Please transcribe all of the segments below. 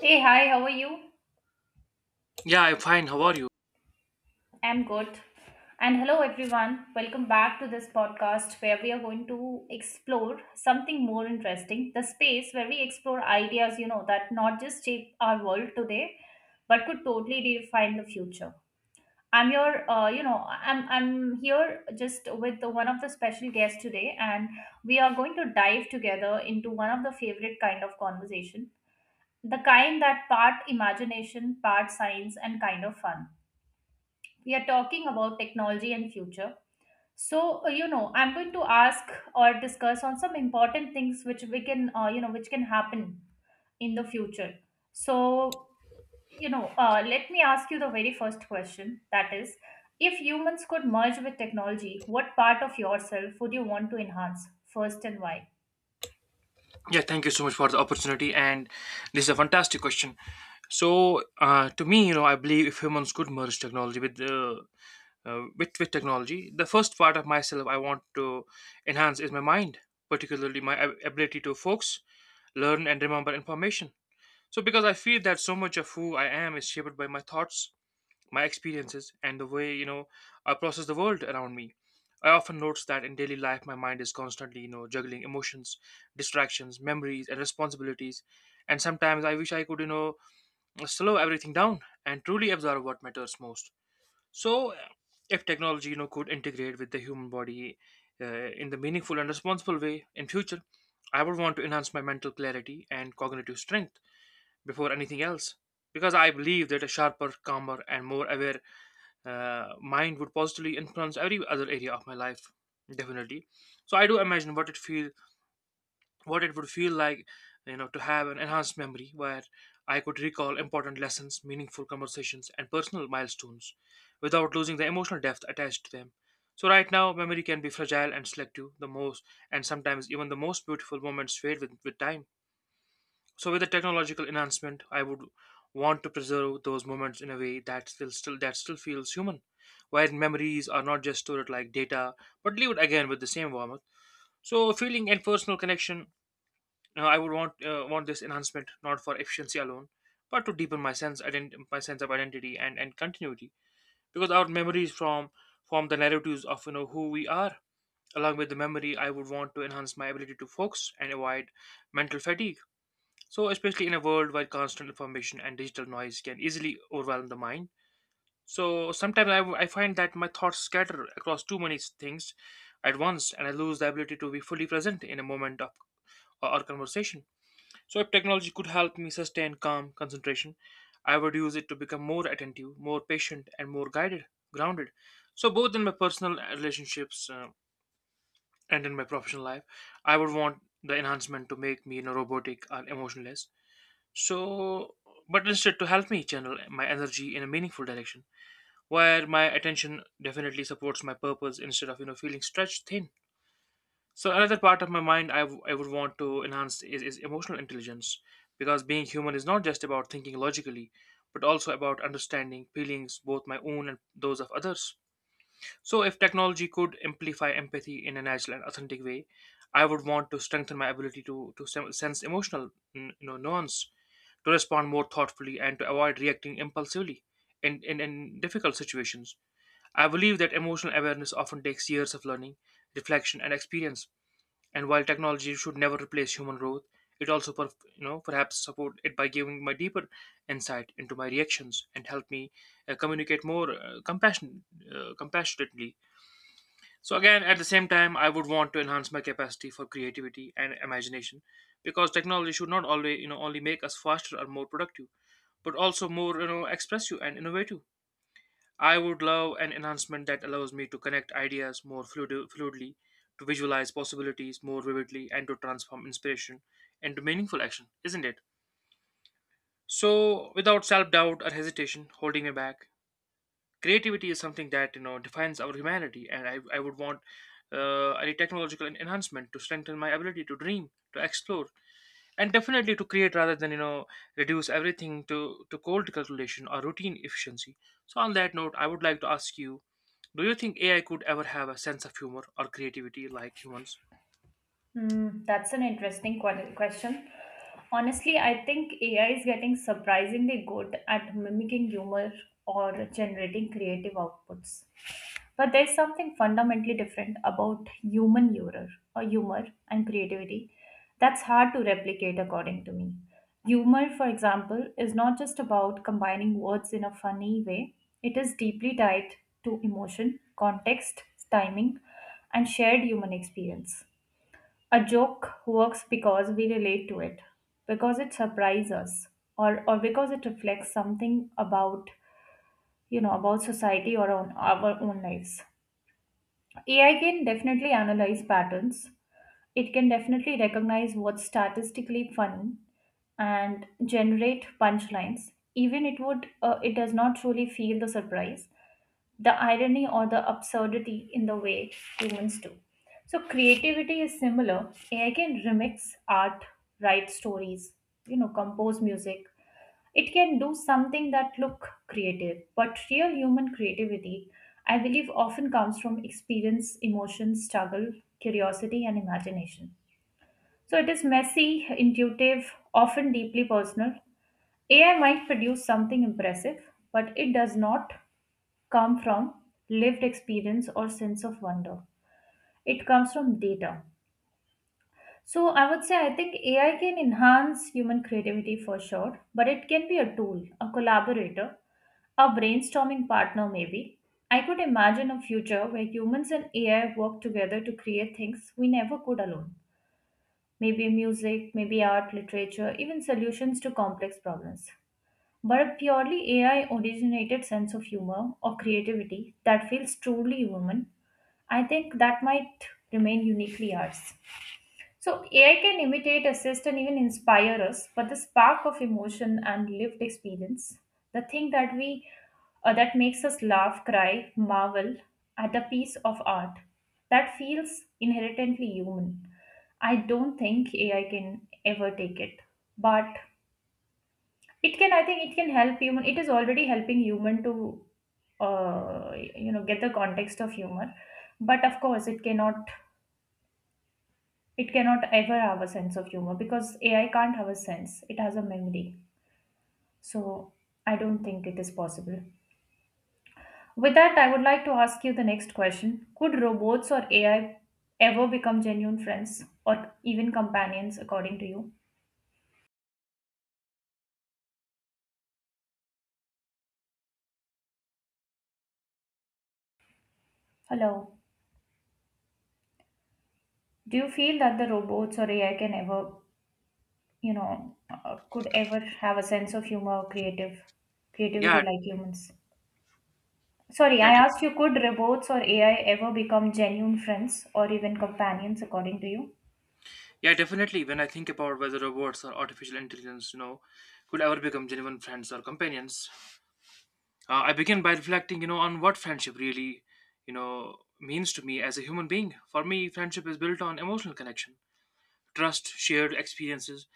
Hey, hi, how are you? Yeah, I'm fine. How are you? I'm good. And hello, everyone. Welcome back to this podcast where we are going to explore something more interesting, the space where we explore ideas, that not just shape our world today, but could totally redefine the future. I'm your, I'm here just with one of the special guests today, and we are going to dive together into one of the favorite kind of conversation, the kind that part imagination, part science, and kind of fun. We are talking about technology and future. So I'm going to ask or discuss on some important things which we can which can happen in the future. So let me ask you the very first question, that is, if humans could merge with technology, what part of yourself would you want to enhance first, and why? Yeah, thank you so much for the opportunity. And this is a fantastic question. So, to me, you know, I believe if humans could merge technology with technology, the first part of myself I want to enhance is my mind, particularly my ability to focus, learn, and remember information. So, because I feel that so much of who I am is shaped by my thoughts, my experiences, and the way you know I process the world around me. I often notice that in daily life, my mind is constantly you know juggling emotions, distractions, memories, and responsibilities. And sometimes I wish I could you know slow everything down and truly observe what matters most. So, if technology you know could integrate with the human body in the meaningful and responsible way in future, I would want to enhance my mental clarity and cognitive strength before anything else because I believe that a sharper, calmer, and more aware mind would positively influence every other area of my life definitely. So I do imagine what it would feel like, you know, to have an enhanced memory where I could recall important lessons, meaningful conversations, and personal milestones without losing the emotional depth attached to them. So right now memory can be fragile and selective the most, and sometimes even the most beautiful moments fade with time. So with the technological enhancement, I would want to preserve those moments in a way that still feels human, where memories are not just stored like data, but lived again with the same warmth. So feeling and personal connection, I would want this enhancement not for efficiency alone, but to deepen my sense of identity and continuity, because our memories from form the narratives of you know who we are. Along with the memory, I would want to enhance my ability to focus and avoid mental fatigue, so especially in a world where constant information and digital noise can easily overwhelm the mind. So, sometimes I find that my thoughts scatter across too many things at once and I lose the ability to be fully present in a moment of or conversation. So, if technology could help me sustain calm concentration, I would use it to become more attentive, more patient, and grounded. So, both in my personal relationships and in my professional life, I would want the enhancement to make me you know, robotic or emotionless, so but instead to help me channel my energy in a meaningful direction, where my attention definitely supports my purpose instead of you know feeling stretched thin. So another part of my mind I would want to enhance is emotional intelligence, because being human is not just about thinking logically, but also about understanding feelings, both my own and those of others. So, if technology could amplify empathy in a natural and authentic way, I would want to strengthen my ability to sense emotional you know, nuance, to respond more thoughtfully, and to avoid reacting impulsively in difficult situations. I believe that emotional awareness often takes years of learning, reflection, and experience. And while technology should never replace human growth, it also, per, you know, perhaps support it by giving my deeper insight into my reactions and help me communicate more compassionately. So again, at the same time, I would want to enhance my capacity for creativity and imagination, because technology should not always, you know, only make us faster or more productive, but also more you know expressive and innovative. I would love an enhancement that allows me to connect ideas fluidly, to visualize possibilities more vividly, and to transform inspiration into meaningful action, isn't it? So, without self doubt or hesitation holding me back, creativity is something that you know defines our humanity, and I would want a technological enhancement to strengthen my ability to dream, to explore, and definitely to create rather than you know reduce everything to cold calculation or routine efficiency. So on that note I would like to ask you, do you think AI could ever have a sense of humor or creativity like humans? Hmm, that's an interesting question. Honestly, I think AI is getting surprisingly good at mimicking humor or generating creative outputs. But there's something fundamentally different about human humor or humor and creativity that's hard to replicate according to me. Humor, for example, is not just about combining words in a funny way. It is deeply tied to emotion, context, timing, and shared human experience. A joke works because we relate to it, because it surprises us, or because it reflects something about, you know, about society or on our own lives. AI can definitely analyze patterns. It can definitely recognize what's statistically funny and generate punchlines. Even it would, it does not truly feel the surprise, the irony, or the absurdity in the way humans do. So creativity is similar. AI can remix art, write stories, you know, compose music. It can do something that look creative, but real human creativity, I believe, often comes from experience, emotion, struggle, curiosity, and imagination. So it is messy, intuitive, often deeply personal. AI might produce something impressive, but it does not come from lived experience or sense of wonder. It comes from data. So I would say I think AI can enhance human creativity for sure, but it can be a tool, a collaborator, a brainstorming partner maybe. I could imagine a future where humans and AI work together to create things we never could alone. Maybe music, maybe art, literature, even solutions to complex problems. But a purely AI originated sense of humor or creativity that feels truly human, I think that might remain uniquely ours. So, AI can imitate, assist, and even inspire us, but the spark of emotion and lived experience, the thing that we that makes us laugh, cry, marvel at a piece of art, that feels inherently human. I don't think AI can ever take it, but it can, I think, it can help human. It is already helping human to, get the context of humor. But of course, it cannot ever have a sense of humor because AI can't have a sense. It has a memory. So I don't think it is possible. With that, I would like to ask you the next question: Could robots or AI ever become genuine friends or even companions, according to you? Hello. Do you feel that the robots or AI can ever could ever have a sense of humor or creative yeah creativity like humans? Sorry, yeah I def- asked you, could robots or AI ever become genuine friends or even companions, according to you? yeah definitely, when I think about whether robots or artificial intelligence, you know, could ever become genuine friends or companions. I begin by reflecting, you know, on what friendship really, you know, means to me as a human being. For me, friendship is built on emotional connection, trust, shared experiences,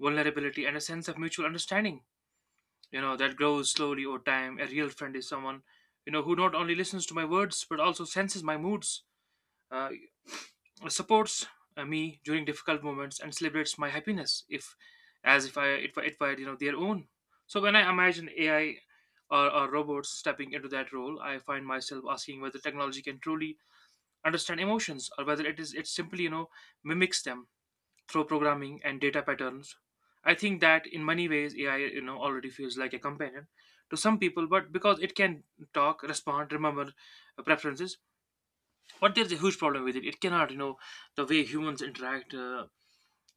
vulnerability, and a sense of mutual understanding. You know, that grows slowly over time. A real friend is someone, you know, who not only listens to my words but also senses my moods. Uh, Supports me during difficult moments and celebrates my happiness if as if it were, you know, their own. So when I imagine AI or robots stepping into that role, I find myself asking whether technology can truly understand emotions or whether it simply, you know, mimics them through programming and data patterns. I think that in many ways AI you know already feels like a companion to some people, but because it can talk, respond, remember preferences, but there's a huge problem with it: it cannot, you know, the way humans interact,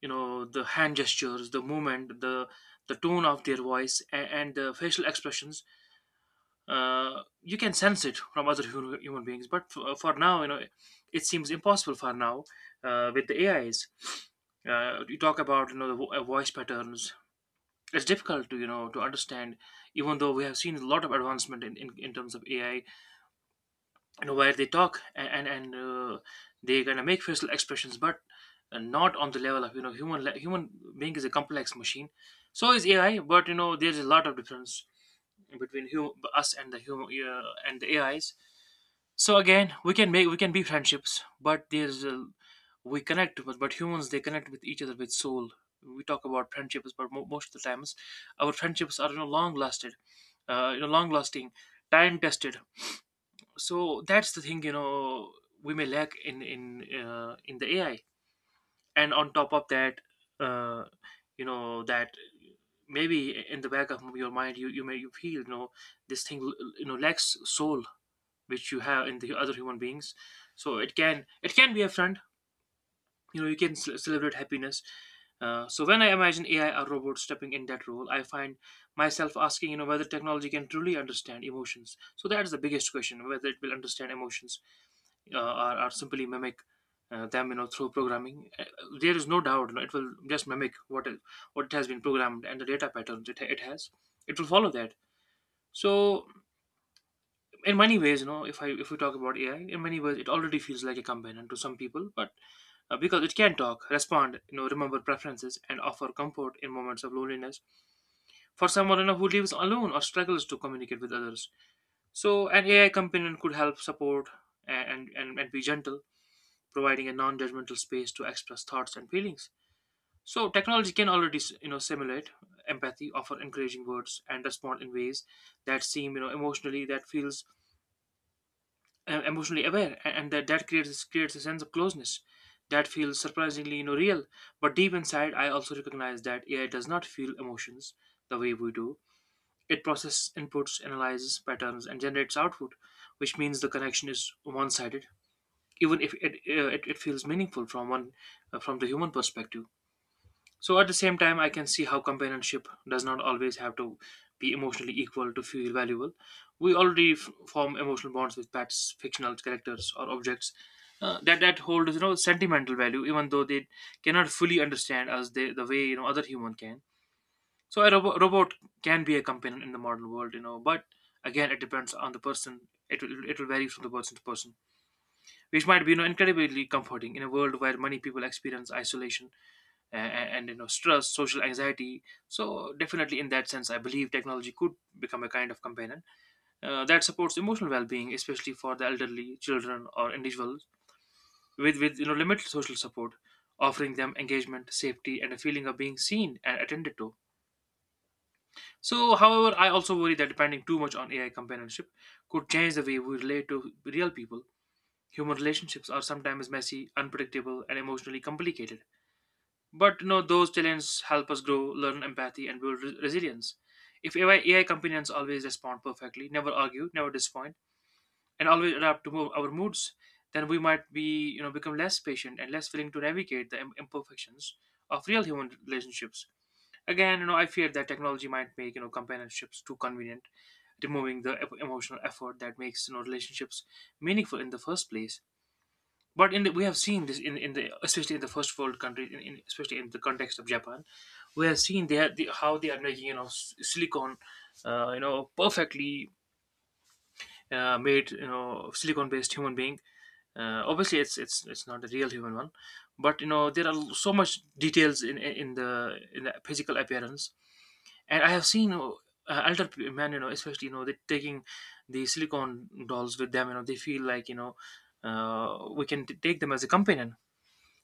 you know, the hand gestures, the movement, the tone of their voice, and the facial expressions, you can sense it from other human beings, but for now, you know, it seems impossible for now with the AIs. You talk about, you know, the voice patterns, it's difficult to you know to understand, even though we have seen a lot of advancement in terms of AI, you know, where they talk and they kind of make facial expressions, but not on the level of, you know, human being is a complex machine, so is AI, but you know there's a lot of difference between us and the human and the AIs. So again, we can be friendships, but there's a, we connect, but humans they connect with each other with soul. We talk about friendships, but most of the times our friendships are you know long lasted, you know, long lasting, time tested. So that's the thing, you know, we may lack in in the AI. And on top of that, uh, you know, that maybe in the back of your mind you you may you feel, you know, this thing, you know, lacks soul, which you have in the other human beings. So it can be a friend, you know, you can celebrate happiness. So when I imagine AI or robot stepping in that role, I find myself asking, you know, whether technology can truly understand emotions. So that is the biggest question: whether it will understand emotions, uh, or simply mimic them, you know, through programming. There is no doubt, you know, it will just mimic what is, what it has been programmed, and the data patterns it has, it will follow that. So in many ways, you know, if we talk about AI, in many ways it already feels like a companion to some people, but because it can talk, respond, you know, remember preferences, and offer comfort in moments of loneliness for someone, you know, who lives alone or struggles to communicate with others. So an AI companion could help support and and be gentle, providing a non-judgmental space to express thoughts and feelings. So technology can already, you know, simulate empathy, offer encouraging words, and respond in ways that seem, you know, emotionally, that feels emotionally aware, and that creates, creates a sense of closeness that feels surprisingly, you know, real. But deep inside, I also recognize that AI does not feel emotions the way we do. It processes inputs, analyzes patterns, and generates output, which means the connection is one-sided even if it feels meaningful from one from the human perspective. So at the same time, I can see how companionship does not always have to be emotionally equal to feel valuable. We already form emotional bonds with pets, fictional characters, or objects that hold, you know, sentimental value, even though they cannot fully understand us the way, you know, other human can. So a robot can be a companion in the modern world, you know, but again, it depends on the person. It will vary from the person to person, which might be, you know, incredibly comforting in a world where many people experience isolation and, you know, stress, social anxiety. So definitely in that sense, I believe technology could become a kind of companion that supports emotional well-being, especially for the elderly, children, or individuals with you know, limited social support, offering them engagement, safety, and a feeling of being seen and attended to. So however, I also worry that depending too much on AI companionship could change the way we relate to real people. Human relationships are sometimes messy, unpredictable, and emotionally complicated. But you know, those challenges help us grow, learn empathy, and build resilience. If AI companions always respond perfectly, never argue, never disappoint, and always adapt to our moods, then we might be, you know, become less patient and less willing to navigate the imperfections of real human relationships. Again, you know, I fear that technology might make, you know, companionships too convenient, removing the emotional effort that makes, you know, relationships meaningful in the first place. But we have seen this in the, especially in the first world countries, especially in the context of Japan, we have seen how they are making, you know, silicon, you know, perfectly made, you know, silicon based human being. Obviously, it's not a real human one, but you know, there are so much details in the physical appearance. And I have seen, you know, alter man, you know, especially you know, they taking the silicon dolls with them. You know, they feel like, you know, we can take them as a companion.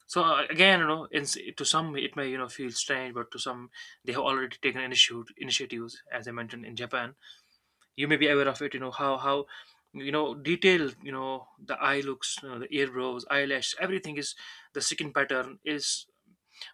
So again, you know, in, to some it may, you know, feel strange, but to some they have already taken initiatives, as I mentioned in Japan. You may be aware of it. You know how you know detailed, you know, the eye looks, you know, the eyebrows, eyelash, everything is, the skin pattern is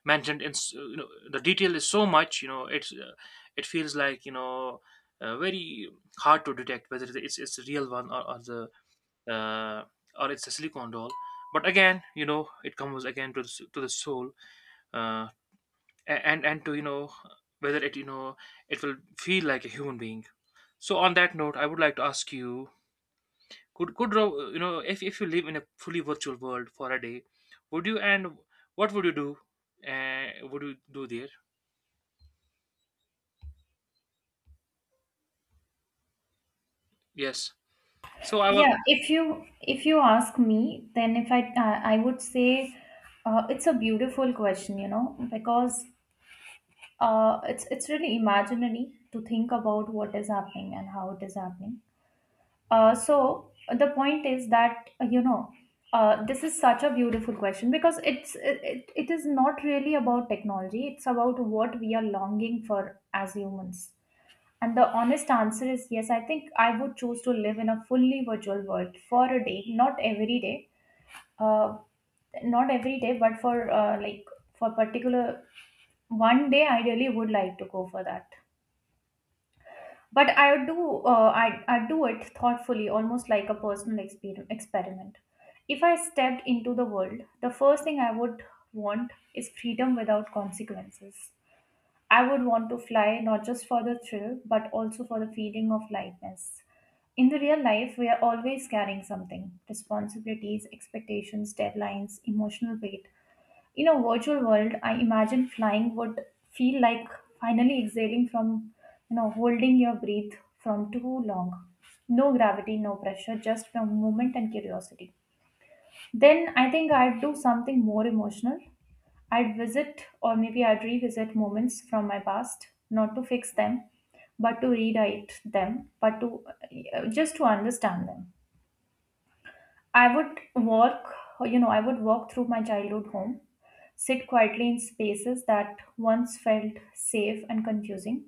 mentioned. You know, the detail is so much. You know it's it feels like, you know, very hard to detect whether it's the real one, or the uh, or it's a silicone doll. But again, you know, it comes again to to the soul uh, and to, you know, whether it, you know, it will feel like a human being. So on that note, I would like to ask you, you know, if you live in a fully virtual world for a day, would you, and what would you do, would you do there? Yes, so I will. Yeah, if you, if you ask me, then if I, I would say it's a beautiful question, you know, because it's really imaginary to think about what is happening and how it is happening. So the point is that this is such a beautiful question because it it is not really about technology, it's about what we are longing for as humans, and the honest answer is yes, I think I would choose to live in a fully virtual world for a day. Not every day, uh, not every day, but for like for particular one day I really would like to go for that. But I do, I do it thoughtfully, almost like a personal experiment. If I stepped into the world, the first thing I would want is freedom without consequences. I would want to fly, not just for the thrill but also for the feeling of lightness. In the real life, we are always carrying something: responsibilities, expectations, deadlines, emotional weight. In a virtual world, I imagine flying would feel like finally exhaling from, you know, holding your breath from too long. No gravity, no pressure, just from movement and curiosity. Then I think I'd do something more emotional. I'd visit, or maybe I'd revisit moments from my past, not to fix them, but to rewrite them, but to just to understand them. I would walk, you know, I would walk through my childhood home, sit quietly in spaces that once felt safe and confusing,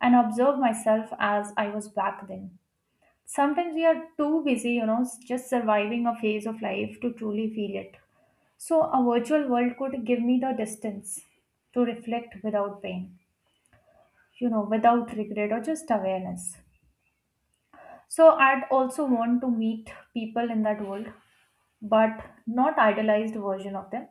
and observe myself as I was back then. Sometimes we are too busy, you know, just surviving a phase of life to truly feel it. So, a virtual world could give me the distance to reflect without pain, you know, without regret, or just awareness. So, I'd also want to meet people in that world, but not idealized version of them.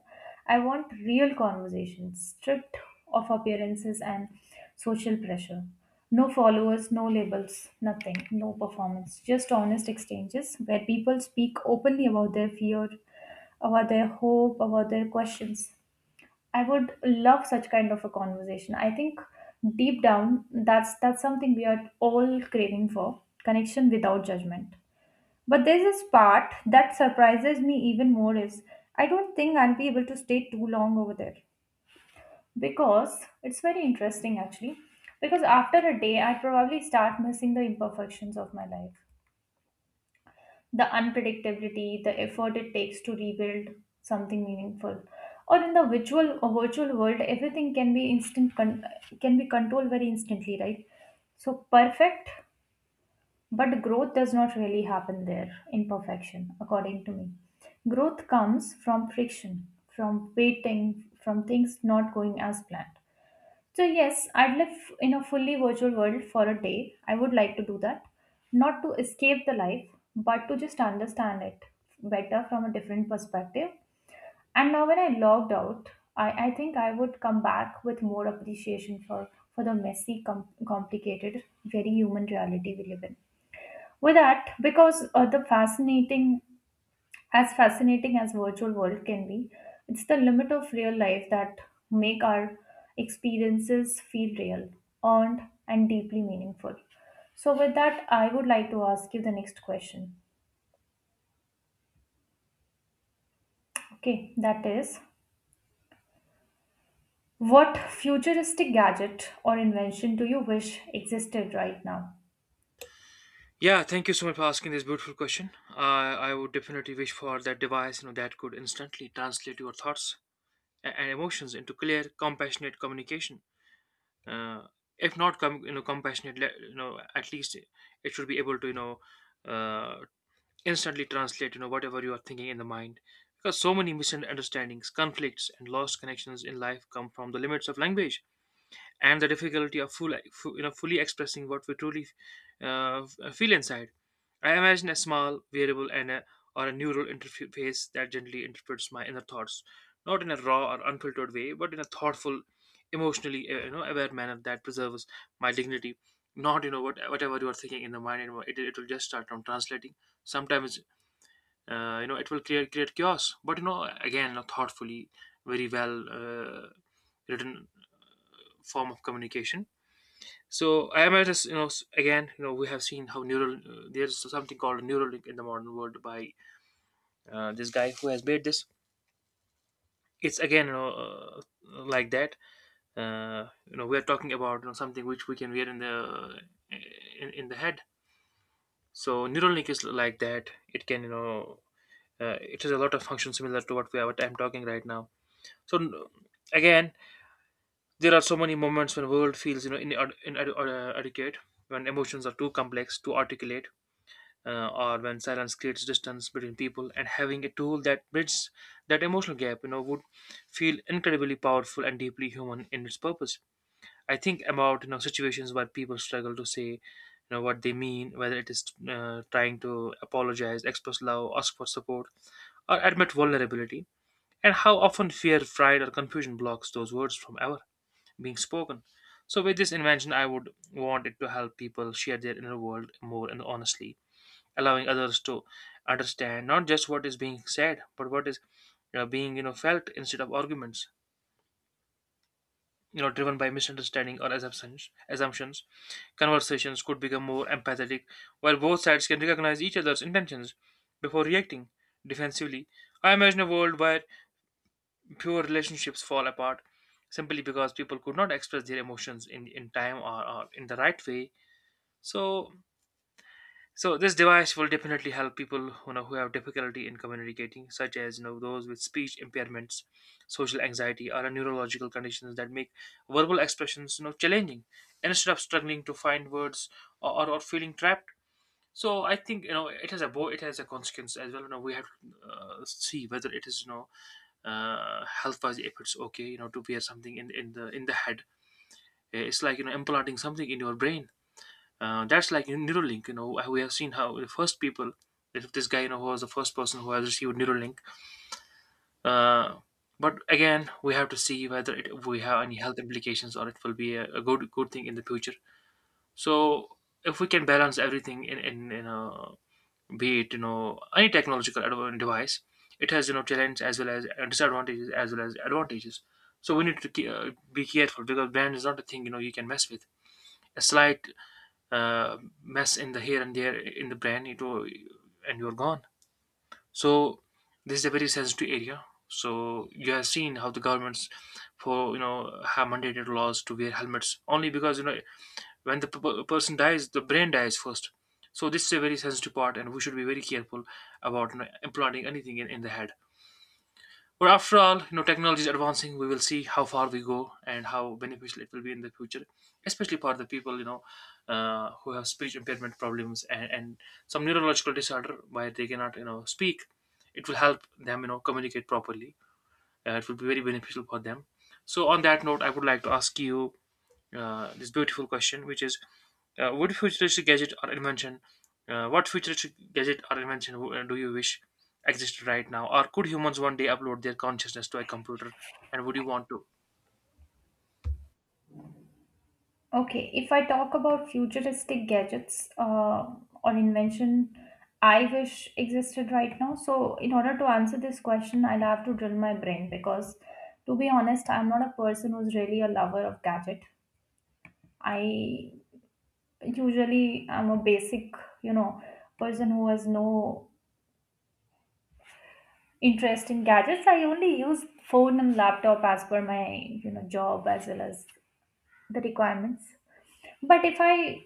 I want real conversations, stripped of appearances and social pressure. No followers, no labels, nothing, no performance, just honest exchanges where people speak openly about their fear, about their hope, about their questions. I would love such kind of a conversation. I think deep down that's something we are all craving for, connection without judgment. But there's this part that surprises me even more is I don't think I'll be able to stay too long over there because it's very interesting actually. Because after a day, I'd probably start missing the imperfections of my life, the unpredictability, the effort it takes to rebuild something meaningful. Or in the virtual or virtual world, everything can be instant, can be controlled very instantly, right? So perfect. But growth does not really happen there, in perfection, according to me. Growth comes from friction, from waiting, from things not going as planned. So, yes, I'd live in a fully virtual world for a day. I would like to do that. Not to escape the life, but to just understand it better from a different perspective. And now, when I logged out, I think I would come back with more appreciation for the messy, complicated, very human reality we live in. With that, because the fascinating as virtual world can be, it's the limit of real life that make our experiences feel real, earned, and deeply meaningful. So, with that, I would like to ask you the next question. Okay, that is, what futuristic gadget or invention do you wish existed right now? Yeah, thank you so much for asking this beautiful question. I i would definitely wish for that device, you know, that could instantly translate your thoughts and emotions into clear, compassionate communication. uh, if not you know, compassionate, you know, at least it should be able to, you know, uh, instantly translate, you know, whatever you are thinking in the mind, because so many misunderstandings, conflicts, and lost connections in life come from the limits of language and the difficulty of you know, fully expressing what we truly feel inside. I imagine a small variable and a, or a neural interface that gently interprets my inner thoughts, not in a raw or unfiltered way, but in a thoughtful, emotionally you know, aware manner that preserves my dignity. Not, you know, what whatever you are thinking in the mind, you know, it will just start on translating. Sometimes you know, it will create chaos, but you know, again, you know, thoughtfully, very well written form of communication. So I might just, you know, again, you know, we have seen how neural there's something called Neuralink in the modern world by this guy who has made this. It's again, you know, like that. You know, we are talking about, you know, something which we can wear in the in the head. So Neuralink is like that. It can, you know, it has a lot of functions similar to what we are, what I'm talking right now. So again, there are so many moments when world feels, you know, inadequate, when emotions are too complex to articulate or when silence creates distance between people, and having a tool that bridges that emotional gap, you know, would feel incredibly powerful and deeply human in its purpose. I think about, you know, situations where people struggle to say, you know, what they mean, whether it is trying to apologize, express love, ask for support, or admit vulnerability, and how often fear, pride, or confusion blocks those words from ever being spoken. So with this invention, I would want it to help people share their inner world more and honestly, allowing others to understand not just what is being said, but what is, you know, being, you know, felt. Instead of arguments, you know, driven by misunderstanding or assumptions, conversations could become more empathetic, while both sides can recognize each other's intentions before reacting defensively. I imagine a world where pure relationships fall apart simply because people could not express their emotions in time, or in the right way. So, so this device will definitely help people, you know, who have difficulty in communicating, such as, you know, those with speech impairments, social anxiety, or neurological conditions that make verbal expressions, you know, challenging. Instead of struggling to find words, or feeling trapped. So I think, you know, it has a it has a consequence as well. You know, we have to see whether it is, you know, health wise, if it's okay, you know, to wear something in the head. It's like, you know, implanting something in your brain, that's like in Neuralink. You know, we have seen how the first people, if this guy, you know, who was the first person who has received Neuralink. Uh, but again, we have to see whether it, we have any health implications, or it will be a good thing in the future. So if we can balance everything in you know, be it, you know, any technological device, it has, you know, challenges as well as disadvantages as well as advantages. So we need to be careful, because brand is not a thing, you know, you can mess with. A slight uh, mess in the here and there in the brain, it will, and you're gone. So this is a very sensitive area. So you have seen how the governments for, you know, have mandated laws to wear helmets, only because, you know, when the person dies, the brain dies first. So this is a very sensitive part, and we should be very careful about, you know, implanting anything in the head. But after all, you know, technology is advancing. We will see how far we go and how beneficial it will be in the future, especially for the people, you know, who have speech impairment problems, and some neurological disorder where they cannot, you know, speak. It will help them, you know, communicate properly. It will be very beneficial for them. So on that note, I would like to ask you this beautiful question, which is, uh, what futuristic gadget or invention, what futuristic gadget or invention do you wish existed right now? Or could humans one day upload their consciousness to a computer, and would you want to? Okay, if I talk about futuristic gadgets or invention I wish existed right now. So, in order to answer this question, I'll have to drill my brain because, to be honest, I'm not a person who's really a lover of gadget. I usually am a basic, you know, person who has no interest in gadgets. I only use phone and laptop as per my, you know, job as well as the requirements. But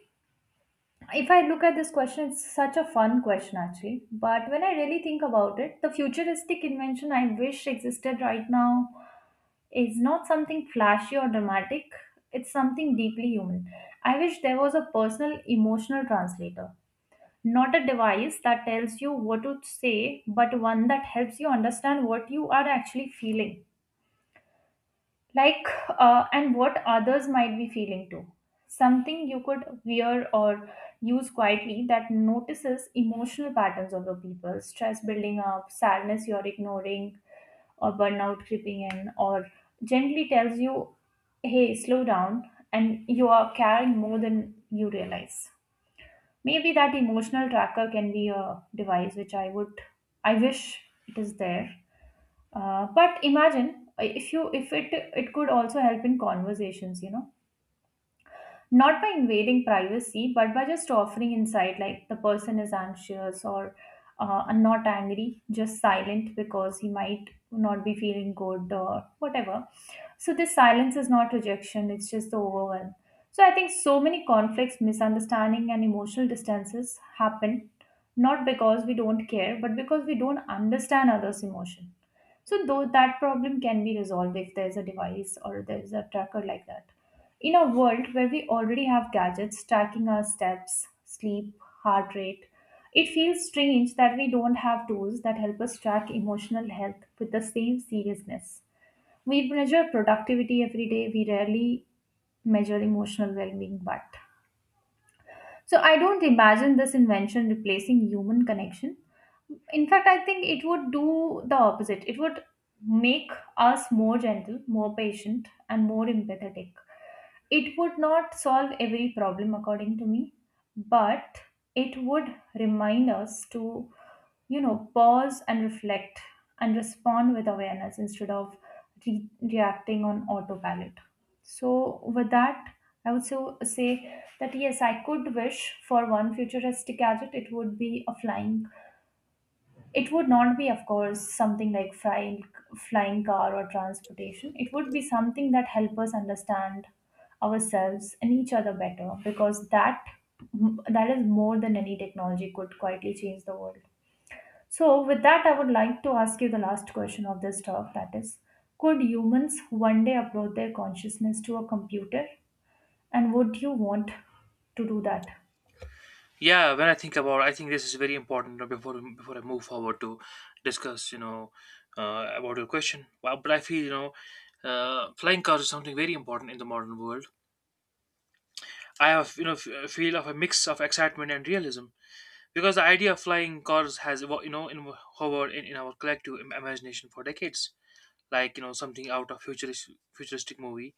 if I look at this question, it's such a fun question actually. But when I really think about it, the futuristic invention I wish existed right now is not something flashy or dramatic, it's something deeply human. I wish there was a personal emotional translator, not a device that tells you what to say, but one that helps you understand what you are actually feeling like, and what others might be feeling too. Something you could wear or use quietly that notices emotional patterns of the people, stress building up, sadness you're ignoring, or burnout creeping in, or gently tells you, hey, slow down, and you are carrying more than you realize. Maybe that emotional tracker can be a device which I would, I wish it is there. But imagine, if you, if it, it could also help in conversations, you know, not by invading privacy, but by just offering insight, like the person is anxious or not angry, just silent because he might not be feeling good or whatever. So this silence is not rejection; it's just the overwhelm. So I think so many conflicts, misunderstanding, and emotional distances happen not because we don't care, but because we don't understand others' emotions. So though that problem can be resolved if there's a device or there's a tracker like that. In a world where we already have gadgets tracking our steps, sleep, heart rate, it feels strange that we don't have tools that help us track emotional health with the same seriousness. We measure productivity every day, we rarely measure emotional well being, but. So I don't imagine this invention replacing human connection. In fact, I think it would do the opposite. It would make us more gentle, more patient, and more empathetic. It would not solve every problem according to me, but it would remind us to, you know, pause and reflect and respond with awareness instead of reacting on autopilot. So with that, I would so say that yes, I could wish for one futuristic gadget, it would be a flying, it would not be, of course, something like flying, flying car or transportation. It would be something that help us understand ourselves and each other better, because that, that is more than any technology could quietly change the world. So, with that, I would like to ask you the last question of this talk, that is, could humans one day upload their consciousness to a computer? And would you want to do that? Yeah, when I think about, I think this is very important before I move forward to discuss, you know, about your question. Well, but I feel, you know, flying cars is something very important in the modern world. I have, you know, a feel of a mix of excitement and realism, because the idea of flying cars has you know, hovered in our collective imagination for decades, like, you know, something out of futuristic movie.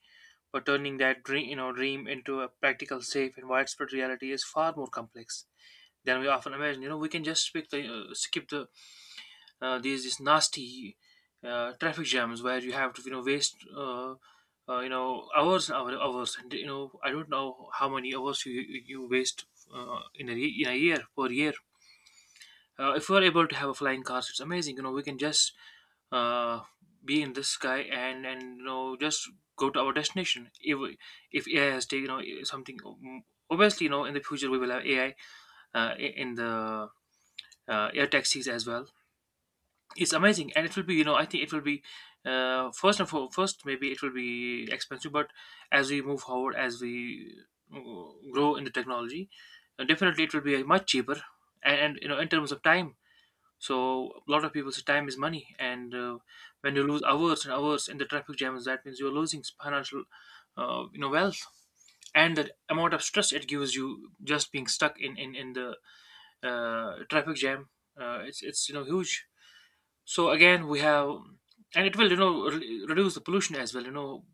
But turning that dream, you know, dream into a practical, safe, and widespread reality is far more complex than we often imagine. You know, we can just skip the, these nasty traffic jams, where you have to, you know, waste you know, hours, and you know, I don't know how many hours you waste in a year per year. If we're able to have a flying cars, it's amazing. You know, we can just uh, be in the sky, and you know, just go to our destination. If AI has taken something, obviously you know in the future we will have AI in the air taxis as well. It's amazing, and it will be you know I think it will be first and for first maybe it will be expensive, but as we move forward, as we uh, grow in the technology, definitely it will be much cheaper. And you know in terms of time, so a lot of people say time is money, and when you lose hours and hours in the traffic jams, that means you're losing financial, wealth, and the amount of stress it gives you just being stuck in the traffic jam. It's you know huge. So again, we have, and it will you know reduce the pollution as well. You know,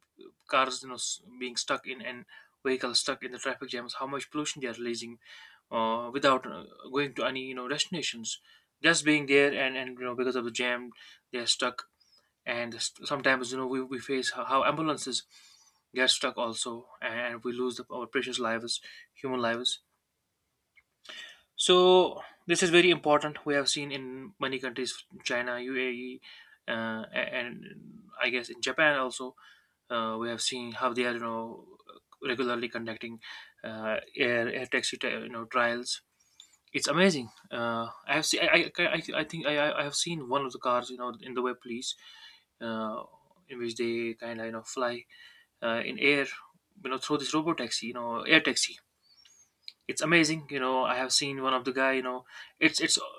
cars being stuck in, and vehicles stuck in the traffic jams, how much pollution they are releasing without going to any you know destinations, just being there, and you know because of the jam they're stuck. And sometimes you know we face how ambulances get stuck also, and we lose our precious lives, human lives. So this is very important. We have seen in many countries, China, UAE, and I guess in Japan also, we have seen how they are you know regularly conducting air taxi you know trials. It's amazing. I have seen. I think I have seen one of the cars. You know, in the web police, uh, in which they kind of you know fly in air. You know, through this robot taxi. You know, air taxi. It's amazing. You know, I have seen one of the guy. You know, it's it's.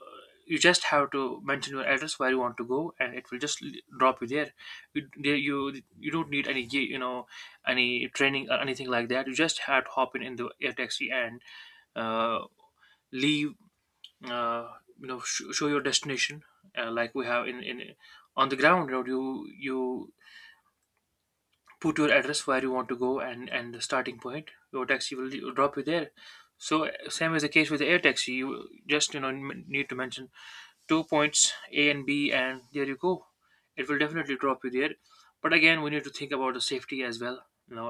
You just have to mention your address where you want to go, and it will just drop you there. You don't need any you know any training or anything like that. You just have to hop in the air taxi and uh, leave, uh, you know, show your destination, like we have in on the ground. You know, you put your address where you want to go, and the starting point, your taxi will drop you there. So same is the case with the air taxi. You just you know need to mention two points, A and B, and there you go. It will definitely drop you there. But again, we need to think about the safety as well. You know,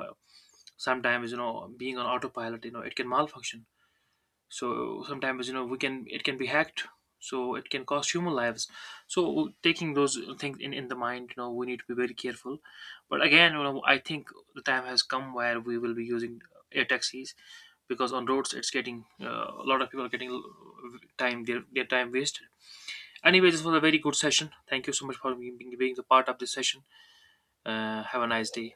sometimes you know being on autopilot, you know it can malfunction. So sometimes you know we can, it can be hacked, so it can cost human lives. So taking those things in the mind, you know we need to be very careful. But again, you know, I think the time has come where we will be using air taxis, because on roads it's getting a lot of people are getting time their time wasted. Anyway, this was a very good session. Thank you so much for being a part of this session. Have a nice day.